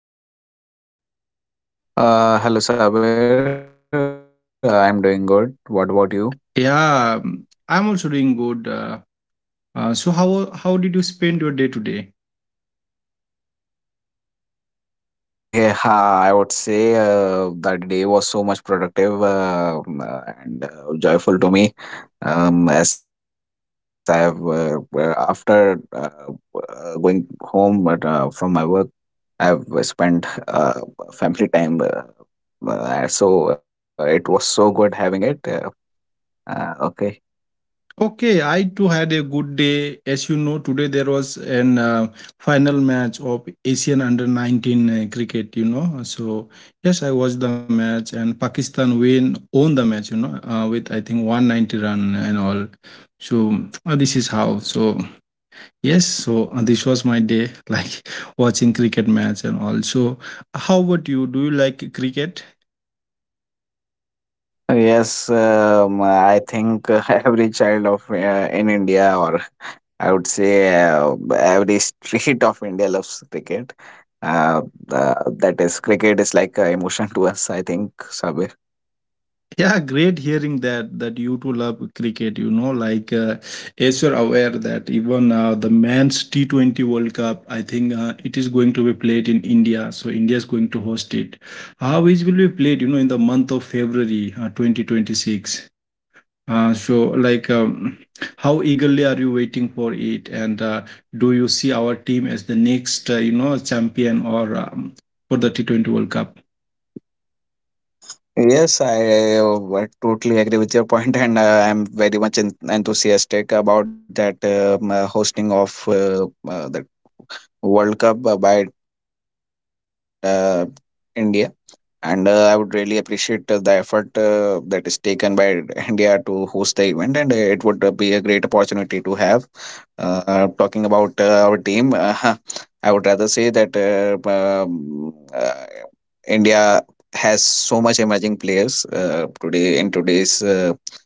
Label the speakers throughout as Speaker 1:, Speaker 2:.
Speaker 1: doing today?
Speaker 2: Hello Sabir, I'm doing good. What about you?
Speaker 1: Yeah, I'm also doing good. So how did you spend your day today?
Speaker 2: Actually, I would say that day was so much productive and joyful to me. As I have after going home from my work, I've spent family time. So it was so good having it. Okay.
Speaker 1: Okay, I too had a good day. As you know, today there was an final match of Asian Under 19 cricket, you know. So yes, I watched the match and Pakistan win won the match, you know, with I think 190 run and all. So this is how. So yes, so this was my day, like watching cricket match and also. How about you? Do you like cricket?
Speaker 2: Yes, I think every child of in India, or I would say every street of India loves cricket. Uh, that is, cricket is like an emotion to us, I think, Sabir.
Speaker 1: Yeah, great hearing that you too love cricket. You know, like, as you're aware that, even the men's T20 World Cup, I think it is going to be played in India. So India is going to host it. How it will be played? You know, in the month of February, 2026. Uh, so, like, um, how eagerly are you waiting for it? And Do you see our team as the next, you know, champion, or for the T20 World Cup?
Speaker 2: Yes, I totally agree with your point, and I'm very much enthusiastic about that hosting of the World Cup by India. And I would really appreciate the effort that is taken by India to host the event, and it would be a great opportunity to have. Talking about our team, I would rather say that India has so much emerging players today, in today's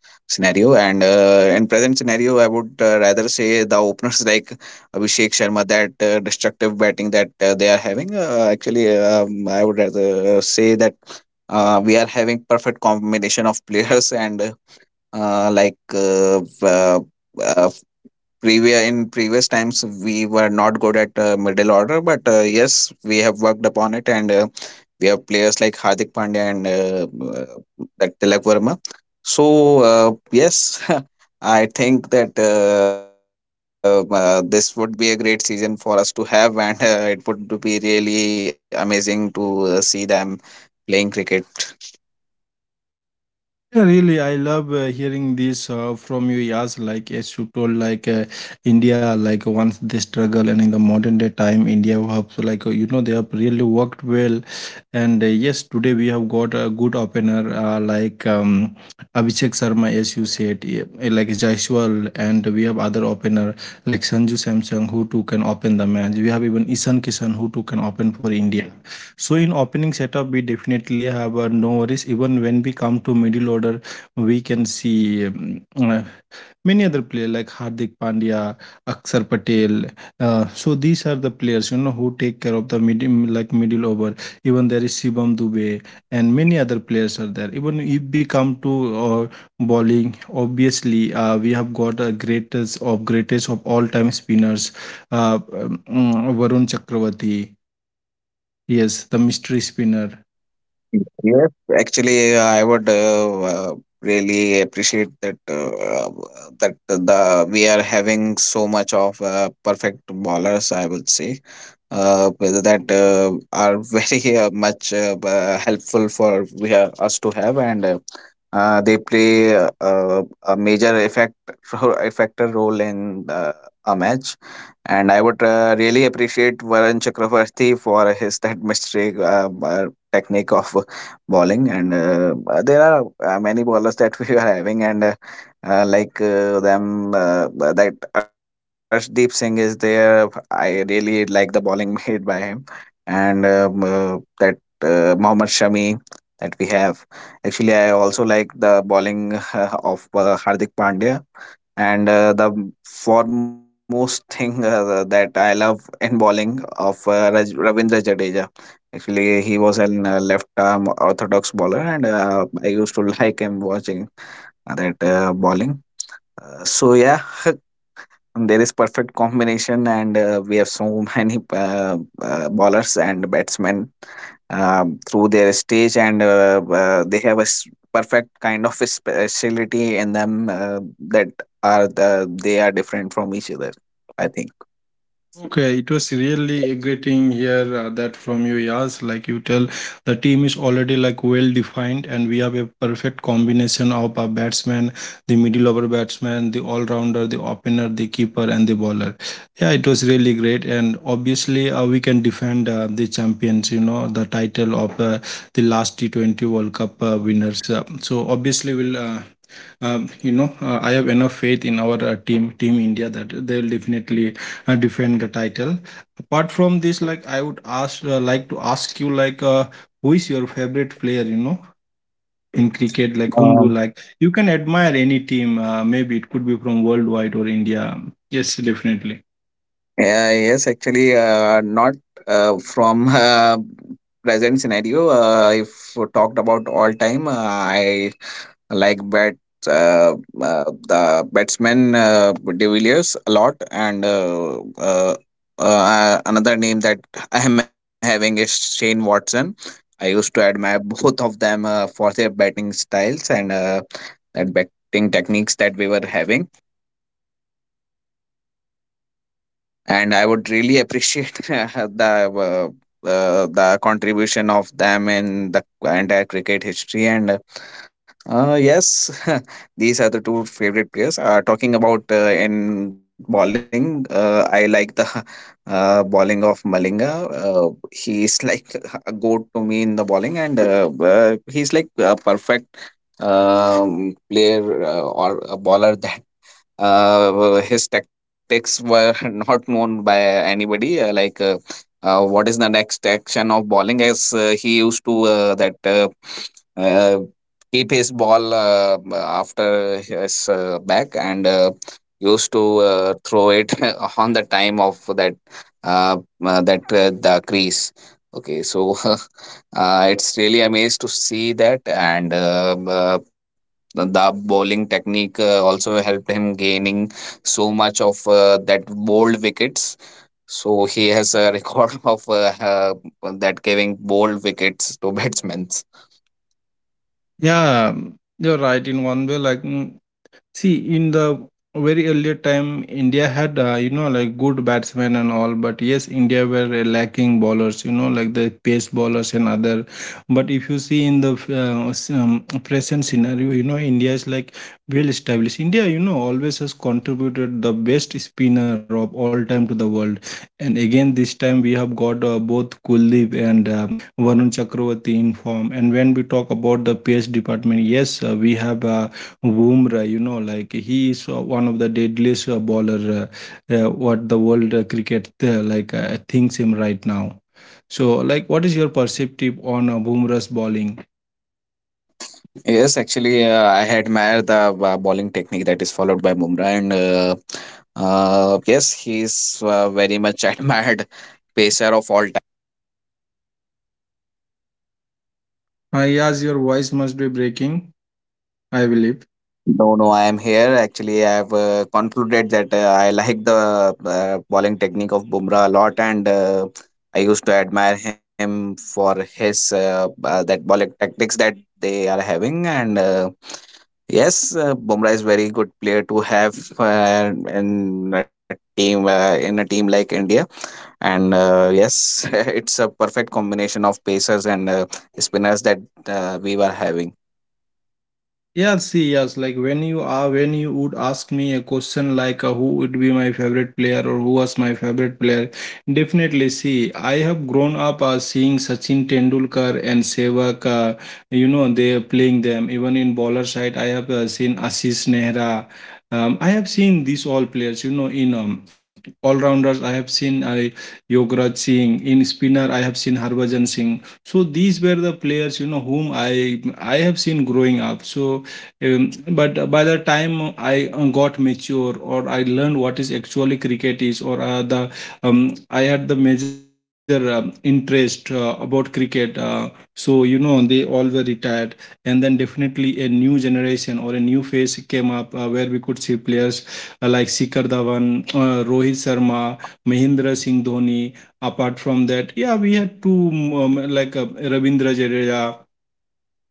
Speaker 2: scenario, and in present scenario I would rather say the openers, like Abhishek Sharma, that destructive batting that they are having. Actually, I would rather say that we are having perfect combination of players, and like uh, uh, previous in previous times we were not good at middle order, but yes, we have worked upon it, and we have players like Hardik Pandya, and that Tilak Verma. So uh, yes, I think that this would be a great season for us to have, and it would be really amazing to see them playing cricket.
Speaker 1: Yeah, really, I love hearing this from you. Yes, like as you told, like, India, like, once they struggle, and in the modern day time, India have so, like, you know, they have really worked well, and yes, today we have got a good opener, like Abhishek Sharma, as you said, yeah, like Jaiswal, and we have other opener like Sanju Samson who too can open the match. We have even Ishan Kishan who too can open for India. So in opening setup, we definitely have no worries. Even when we come to middle order, we can see, many other players like Hardik Pandya, Akshar Patel. So these are the players, you know, who take care of the middle over. Even there is Shivam Dubey and many other players are there. Even if we come to uh, bowling, obviously we have got a greatest of all time spinners, Varun Chakravarti. Yes, the mystery spinner.
Speaker 2: Yes, actually, I would really appreciate that that the we are having so much of perfect ballers, I would say, whether that are very much helpful for us to have. And they play a major effect factor role in a match, and I would really appreciate Varun Chakravarti for his that mystery technique of bowling. And there are many bowlers that we are having, and like them that Arshdeep Singh is there. I really like the bowling made by him, and that Mohammad Shami that we have. Actually, I also like the bowling of Hardik Pandya. And the foremost thing that I love in bowling of Ravindra Jadeja. Actually, he was an left arm orthodox bowler, and I used to like him watching that bowling. So yeah, there is perfect combination, and we have so many ballers and batsmen through their stage, and they have perfect kind of a specialty in them that they are different from each other, I think.
Speaker 1: Okay, it was really exciting here that from you, yes. Like you tell, the team is already like well defined, and we have a perfect combination of a batsman, the middle over batsman, the all rounder, the opener, the keeper, and the bowler. Yeah, it was really great, and obviously we can defend the champions. You know, the title of the last T T20 World Cup winners. So obviously we'll. You know, I have enough faith in our team, Team India, that they will definitely defend the title. Apart from this, like, I would ask, to ask you, like, who is your favorite player? You know, in cricket, like,
Speaker 2: um,
Speaker 1: whom do you like? You can admire any team. Maybe it could be from worldwide or India. Yes, definitely.
Speaker 2: Yeah, yes, actually, not from present scenario. If we talked about all time, I like bat uh, uh, the batsman De Villiers a lot, and another name that I am having is Shane Watson. I used to admire both of them for their batting styles, and that batting techniques that we were having, and I would really appreciate the contribution of them in the entire cricket history. And yes, these are the two favorite players. Talking about in bowling, I like the bowling of Malinga. He's like a goat to me in the bowling, and he's like a perfect player, or a bowler, that his tactics were not known by anybody. What is the next action of bowling? As he used to that uh, keep his ball after his back, and used to throw it on the time of that uh, the crease. Okay, so it's really amazed to see that. And the bowling technique also helped him gaining so much of that bold wickets. So he has a record of that giving bold wickets to batsmen.
Speaker 1: Yeah, you're right in one way. See, in the very earlier time, India had, you know, like, good batsmen and all, but yes, India were lacking bowlers, you know, like the pace bowlers and other. But if you see in the present scenario, you know, India is like well established. India, you know, always has contributed the best spinner of all time to the world. And again, this time we have got both Kuldeep and, Varun Chakravarti in form. And when we talk about the pace department, yes, we have. Bumrah, you know, like, he is one of the deadliest bowler what the world cricket, thinks him right now. So, like, what is your perspective on Bumrah's bowling?
Speaker 2: Yes actually, I admire the bowling technique that is followed by Bumrah, and yes, he's very much admired pacer of all.
Speaker 1: I yes, your voice must be breaking, I believe.
Speaker 2: No, no, I am here. Actually, I have concluded that I like the bowling technique of Bumrah a lot, and I used to admire him for his that bowling tactics that they are having. And yes, Bumrah is very good player to have in a team like India. And yes, it's a perfect combination of pacers and spinners that we were having.
Speaker 1: Yeah, see, yes, like, when you would ask me a question like, who would be my favorite player or who was my favorite player, definitely see, I have grown up seeing Sachin Tendulkar and Sehwag, you know, they playing them. Even in bowler side, I have seen Ashish Nehra. I have seen these all players, you know, in, all rounders. I have seen Yuvraj Singh in spinner. I have seen Harbhajan Singh. So these were the players, you know, whom I have seen growing up. So, but by the time I got mature or I learned what is actually cricket is, or the I had the major interest about cricket. So you know they all were retired, and then definitely a new generation or a new phase came up where we could see players like Shikhar Dhawan, Rohit Sharma, Mahendra Singh Dhoni. Apart from that, yeah, we had two, um, like uh, Ravindra Jadeja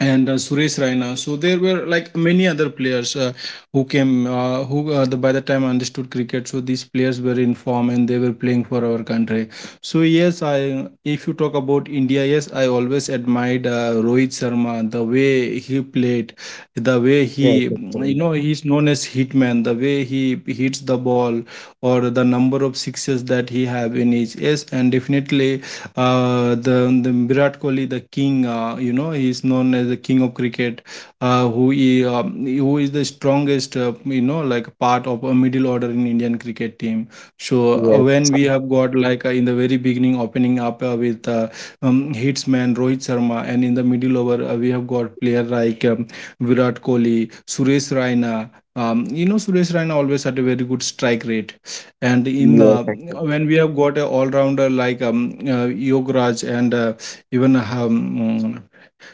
Speaker 1: and Suresh Raina. So there were like many other players who, by the time I understood cricket, so these players were in form and they were playing for our country. So yes, I if you talk about India, yes, I always admired Rohit Sharma, the way he played, the way he,
Speaker 2: Yes,
Speaker 1: you know, he's known as hitman, the way he hits the ball or the number of sixes that he have in each. Yes, and definitely the Virat Kohli, the king, you know, he is known as the king of cricket, who is the strongest, you know, like part of a middle order in Indian cricket team. So
Speaker 2: yes,
Speaker 1: when we have got like, in the very beginning opening up with hitsman Rohit Sharma, and in the middle over we have got player like, Virat Kohli, Suresh Raina. You know, Suresh Raina always had a very good strike rate and in
Speaker 2: yes,
Speaker 1: the
Speaker 2: yes.
Speaker 1: when we have got a all-rounder like, Yograj and even,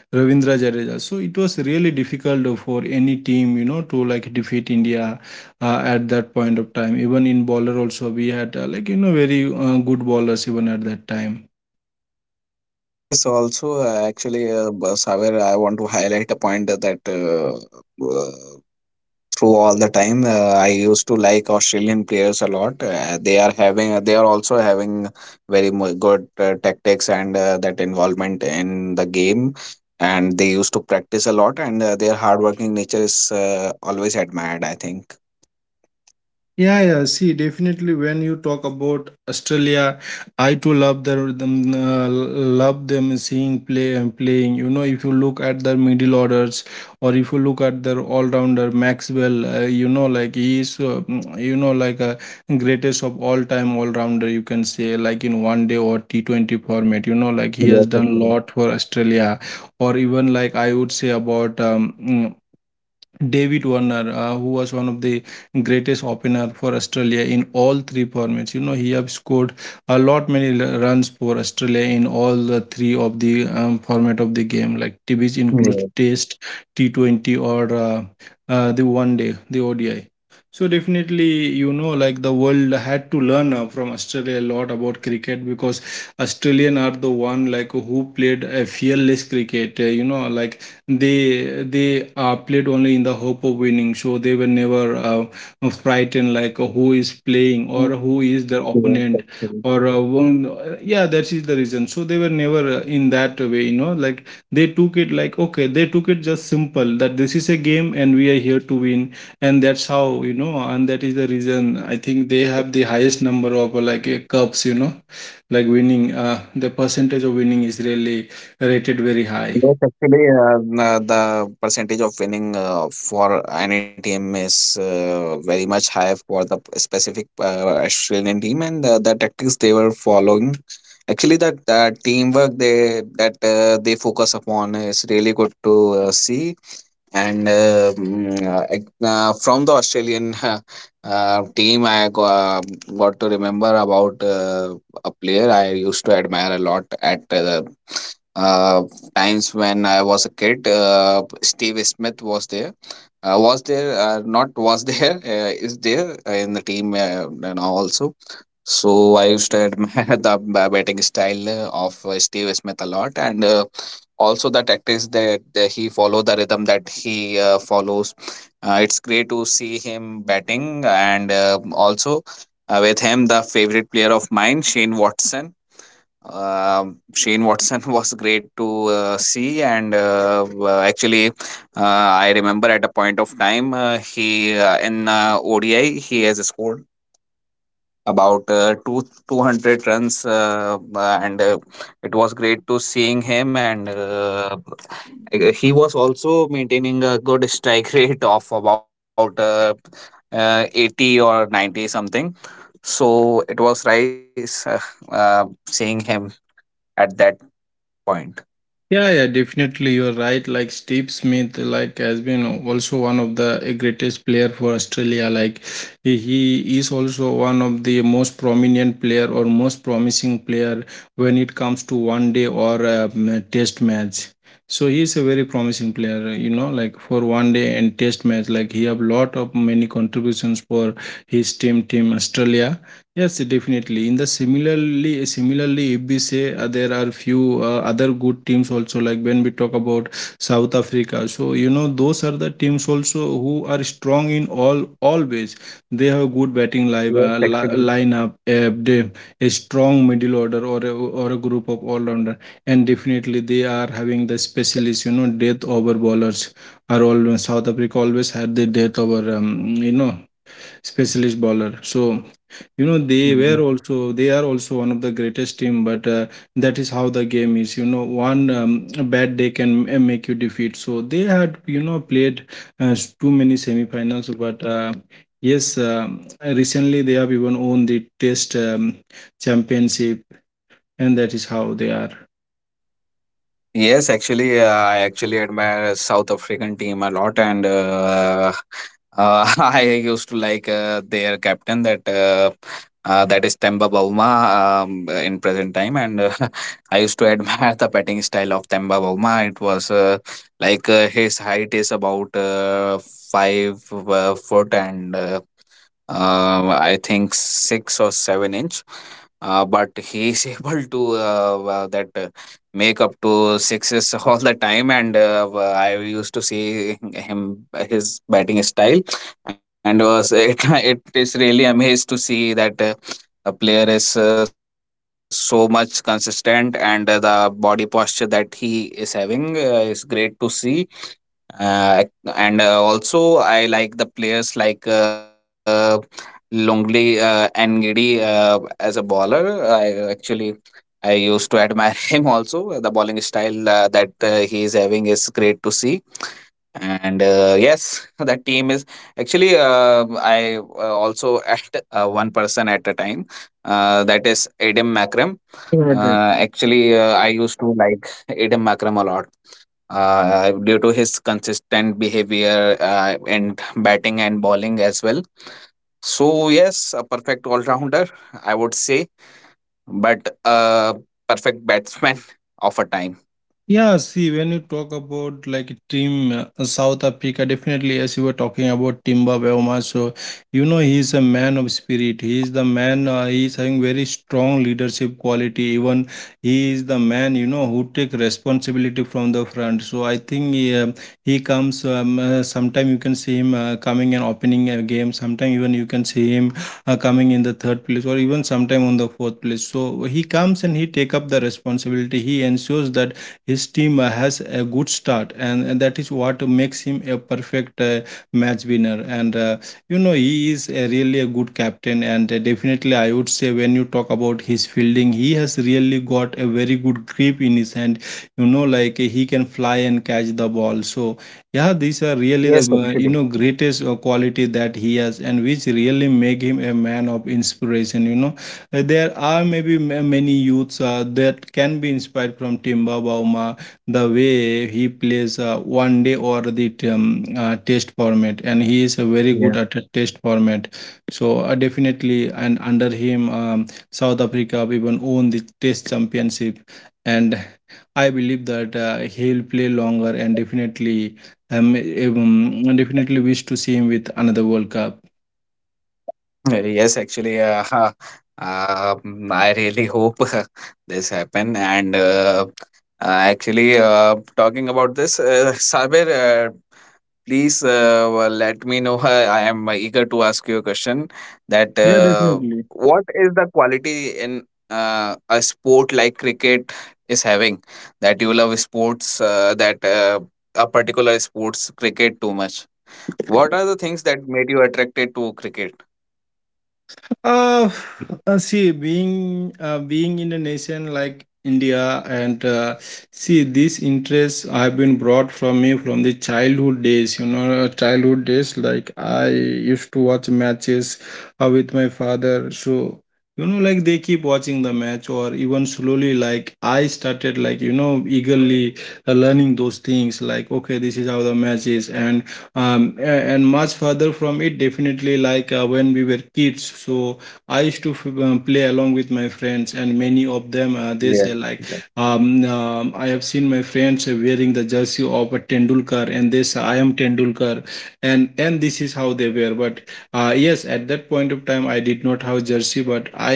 Speaker 1: Ravindra Jadeja, so it was really difficult for any team, you know, to like defeat India at that point of time. Even in bowler also, we had, like, you know, very good bowlers even at that time.
Speaker 2: Yes, also, actually, Saber, I want to highlight a point that, uh, through all the time, I used to like Australian players a lot. They are having, they are also having very good tactics, and that involvement in the game, and they used to practice a lot, and their hardworking nature is always admired, I think.
Speaker 1: Yeah, yeah. See, definitely when you talk about Australia, I too love their- them, love them seeing play and playing. You know, if you look at their middle orders, or if you look at their all-rounder Maxwell, you know, like, he is, you know, like a greatest of all-time all-rounder. You can say, like, in one day or T20 format. You know, like, he has
Speaker 2: Yes,
Speaker 1: done lot
Speaker 2: okay.
Speaker 1: for Australia, or even like I would say about, David Warner, who was one of the greatest opener for Australia in all three formats. You know, he have scored a lot many l- runs for Australia in all the three of the, format of the game, like t- which includes
Speaker 2: Yeah.
Speaker 1: Test, T20, or the One Day, the ODI. So definitely, you know, like the world had to learn from Australia a lot about cricket because Australian are the one like who played a fearless cricket. You know, like they played only in the hope of winning, so they were never frightened, like, who is playing or who is their opponent
Speaker 2: Yeah.
Speaker 1: or yeah, that is the reason. So they were never in that way, you know, like, they took it like okay, they took it just simple that this is a game and we are here to win, and that's how, you know, and that is the reason I think they have the highest number of cups, you know, like winning, the percentage of winning is really rated very high.
Speaker 2: Because actually, the percentage of winning for any team is very much high for the specific Australian team, and the tactics they were following. Actually, that teamwork they focus upon is really good to see. And from the Australian team, I got to remember about a player I used to admire a lot at the times when I was a kid, Steve Smith was there. Not was there, is there in the team now also. So I used to admire the batting style of Steve Smith a lot, and also the tactics, that he follow, the rhythm that he follows. It's great to see him batting, and also with him, the favorite player of mine, Shane Watson. Shane Watson was great to see, and actually, I remember at a point of time he in ODI he has scored about two hundred runs, and it was great to seeing him. And he was also maintaining a good strike rate of about 80 or 90 something. So it was nice seeing him at that point.
Speaker 1: Yeah, yeah, definitely you're right. Like Steve Smith, like, has been also one of the greatest player for Australia. Like he is also one of the most prominent player or most promising player when it comes to one day or, a test match. So he is a very promising player, you know, like, for one day and test match. Like he have lot of many contributions for his team, team Australia. Yes, definitely. In the similarly, if we say, there are few other good teams also, like, when we talk about South Africa. So you know, those are the teams also who are strong in all ways. They have good batting
Speaker 2: Yes,
Speaker 1: live
Speaker 2: actually.
Speaker 1: lineup, they, a strong middle order or a group of all rounder, and definitely they are having the specialists. You know, death over bowlers are always South Africa always had the death over, you know, specialist bowler. So you know they
Speaker 2: Mhm.
Speaker 1: were also they are also one of the greatest team, but that is how the game is, you know. One Bad day can make you defeat, so they had, you know, played too many semifinals, but yes. Recently they have even won the test championship, and that is how they
Speaker 2: Yes, actually, I actually admire South African team a lot, and I used to like their captain, that is Temba Bavuma, in present time, and I used to admire the batting style of Temba Bavuma. It was his height is about 5 foot and. I think 6 or 7 inch. But he is able to that make up to sixes all the time, and I used to see him his batting style, and was it it is really amazed to see that a player is so much consistent, and the body posture that he is having is great to see. Uh, and Also, I like the players like Longli and Giddy as a bowler. I used to admire him also. The bowling style that he is having is great to see. And yes, that team is actually. I also at one person at a time. That is Adam Makram.
Speaker 1: are.
Speaker 2: Actually, I used to like Adam Makram a lot due to his consistent behavior, and batting and bowling as well. So, yes, a perfect all rounder, I would say, but a perfect batsman of a time.
Speaker 1: Yeah, see, when you talk about like team South Africa, definitely, as you were talking about Timba Weoma, so you know he is a man of spirit. He is the man. He is having very strong leadership quality. Even he is the man, you know, who take responsibility from the front. So I think he he comes. Sometime you can see him coming and opening a game. Sometime even you can see him coming in the third place, or even sometime on the fourth place. So he comes and he take up the responsibility. He ensures that his team has a good start, and that is what makes him a perfect match winner. And You know, he is a really a good captain, and definitely, I would say, when you talk about his fielding, he has really got a very good grip in his hand. You know, like, he can fly and catch the ball. So yeah, these are really the
Speaker 2: Yes,
Speaker 1: you know
Speaker 2: actually.
Speaker 1: greatest quality that he has, and which really make him a man of inspiration. You know, there are maybe many youths that can be inspired from Timba Bauma, the way he plays one day or the test format, and he is very good at
Speaker 2: Yeah.
Speaker 1: a test format. So definitely, and under him, South Africa even won the test championship, and I believe that he will play longer, and definitely, definitely wish to see him with another World Cup.
Speaker 2: Yes, actually, I really hope this happen. And actually, talking about this, Sabir. Please well, let me know. I am eager to ask you a question that
Speaker 1: Yeah, definitely.
Speaker 2: what is the quality in a sport like cricket is having that you love sports that a particular sports cricket too much? What are the things that made you attracted to cricket?
Speaker 1: Uh, See, being in a nation like India, and see, these interests have been brought from me from the childhood days. You know, childhood days, like, I used to watch matches with my father. So you know, like, they keep watching the match, or even slowly, like, I started, like, you know, eagerly learning those things. Like, okay, this is how the match is, um, and much further from it, definitely, like, when we were kids, so I used to play along with my friends, and many of them, they
Speaker 2: Yes,
Speaker 1: say
Speaker 2: yes.
Speaker 1: like, I have seen my friends wearing the jersey of a Tendulkar and they say I am Tendulkar, and this is how they were. But yes, at that point of time I did not have jersey, but I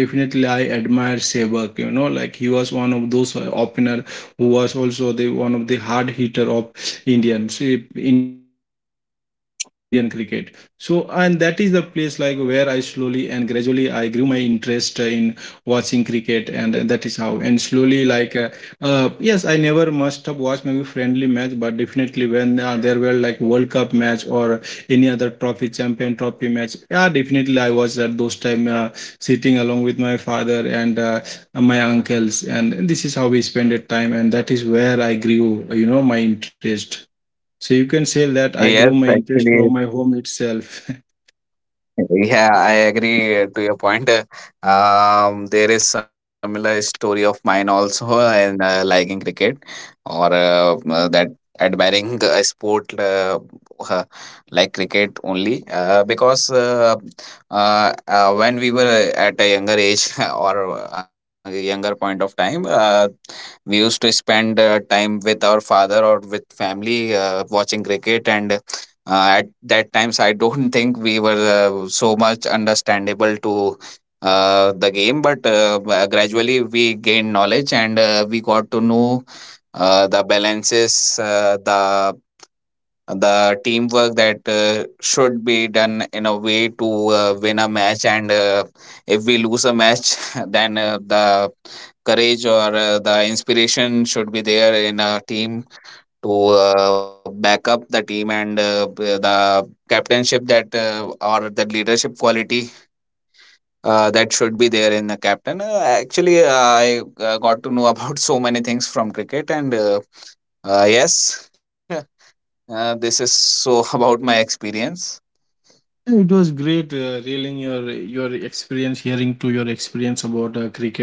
Speaker 1: definitely I admire Sehwag. You know, like, he was one of those opener who was also the one of the hard hitter of Indian cricket. So, and that is the place like where I slowly and gradually I grew my interest in watching cricket, and that is how. And slowly, like, yes, I never must have watched maybe friendly match, but definitely when there were like World Cup match or any other trophy, champion trophy match, yeah, definitely I watched at those time sitting along with my father and my uncles, and this is how we spent time, and that is where I grew, you know, my interest. So you can say that I grew my
Speaker 2: Yes.
Speaker 1: interest from my
Speaker 2: Actually,
Speaker 1: home itself.
Speaker 2: yeah, I agree to your point. There is similar story of mine also in liking cricket, or that admiring a sport, uh, like cricket only, because when we were at a younger age, or a younger point of time, we used to spend time with our father or with family watching cricket, and that times I don't think we were so much understandable to the game, but gradually we gained knowledge, and we got to know the balances, the teamwork that should be done in a way to win a match, and if we lose a match, then the courage or the inspiration should be there in a team to back up the team, and the captainship that or the leadership quality that should be there in a captain. Actually, I got to know about so many things from cricket, and yes, this is so about my experience.
Speaker 1: It was great reeling your experience, hearing to your experience about cricket,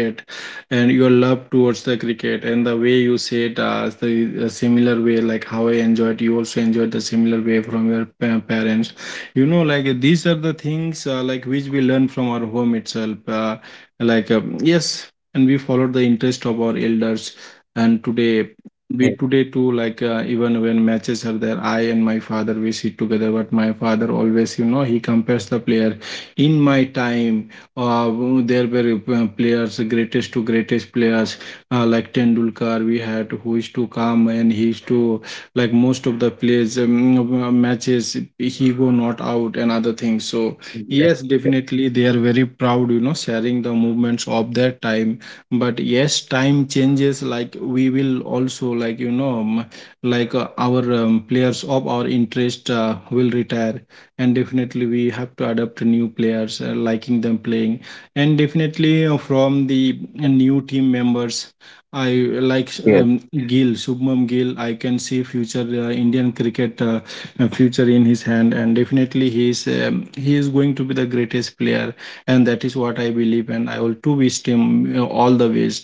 Speaker 1: and your love towards the cricket, and the way you said the similar way, like how I enjoyed, you also enjoyed the similar way from your parents. You know, like, these are the things like which we learn from our home itself. Yes, and we followed the interest of our elders, and today we
Speaker 2: Yes,
Speaker 1: today too, like, even when matches are there, I and my father we sit together. But my father always, you know, he compares the player. In my time, uh, there were players, greatest to greatest players, like Tendulkar. We had who used to come, and he used to, like, most of the plays, matches he go not out and other things. So yes,
Speaker 2: yes,
Speaker 1: definitely they are very proud, you know, sharing the movements of their time. But yes, time changes, like, we will also, like, you know, our players of our interest will retire, and definitely we have to adapt to new players, liking them playing. And definitely, from the new team members, I like,
Speaker 2: yes.
Speaker 1: Gill, Shubman Gill. I can see future Indian cricket future in his hand, and definitely he is, he is going to be the greatest player, and that is what I believe. And I will to wish him, you know, all the best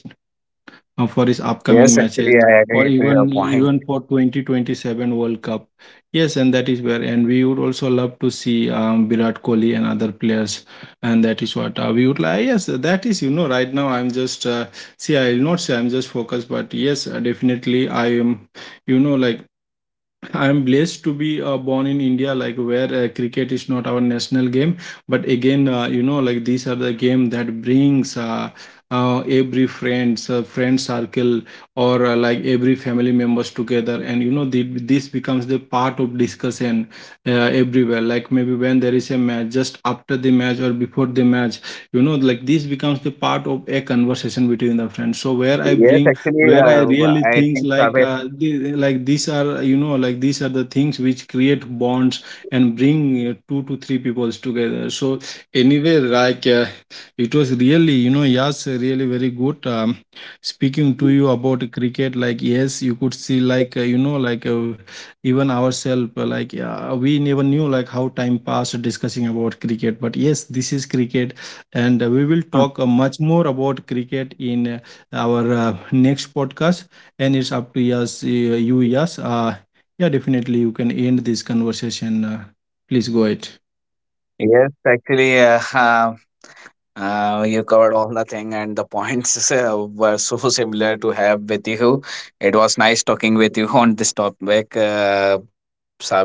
Speaker 1: for his upcoming matches,
Speaker 2: Yes,
Speaker 1: or
Speaker 2: actually, I
Speaker 1: even
Speaker 2: agree to
Speaker 1: even
Speaker 2: your
Speaker 1: for
Speaker 2: point.
Speaker 1: 2027 World Cup. Yes, and that is where. And we would also love to see Virat Kohli and other players, and that is what we would like. Yes, that is, you know, right now, I'm just see, I will not say I'm just focused, but yes, definitely I am. You know, like, I'm blessed to be born in India, like where cricket is not our national game. But again, you know, like, these are the game that brings every friends, friend circle, or like every family members together. And you know, this becomes the part of discussion uh, everywhere. Like, maybe when there is a match, just after the match or before the match, you know, like, this becomes the part of a conversation between the friends. So where I bring,
Speaker 2: Yes,
Speaker 1: where I
Speaker 2: actually,
Speaker 1: really think, like,
Speaker 2: I think Sabir.
Speaker 1: like these are, you know, like, these are the things which create bonds and bring two to three peoples together. So anyway, like, it was really, you know, yes, really very good, speaking to you about cricket. Like, yes, you could see, like, you know, like, even ourselves, like, we never knew like how time passed discussing about cricket. But yes, this is cricket, and we will talk much more about cricket in. Our next podcast, and it's up to us. You Yes, yeah, definitely you can end this conversation. Please go ahead.
Speaker 2: Yes, actually, you covered all the thing, and the points were so similar to have with you. It was nice talking with you on this topic, Sabe.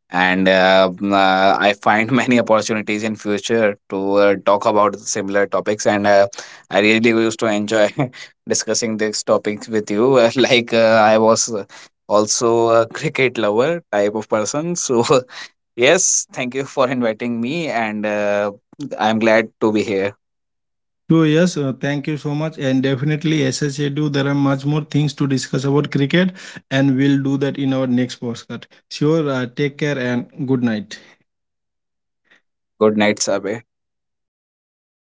Speaker 2: And I find many opportunities in future to talk about similar topics. And I really used to enjoy discussing these topics with you. I was also a cricket lover type of person. So yes, thank you for inviting me, and I'm glad to be here.
Speaker 1: So yes, thank you so much, and definitely, as I said you, there are much more things to discuss about cricket, and we'll do that in our next podcast. Sure. Take care and good night.
Speaker 2: Good night साहब है।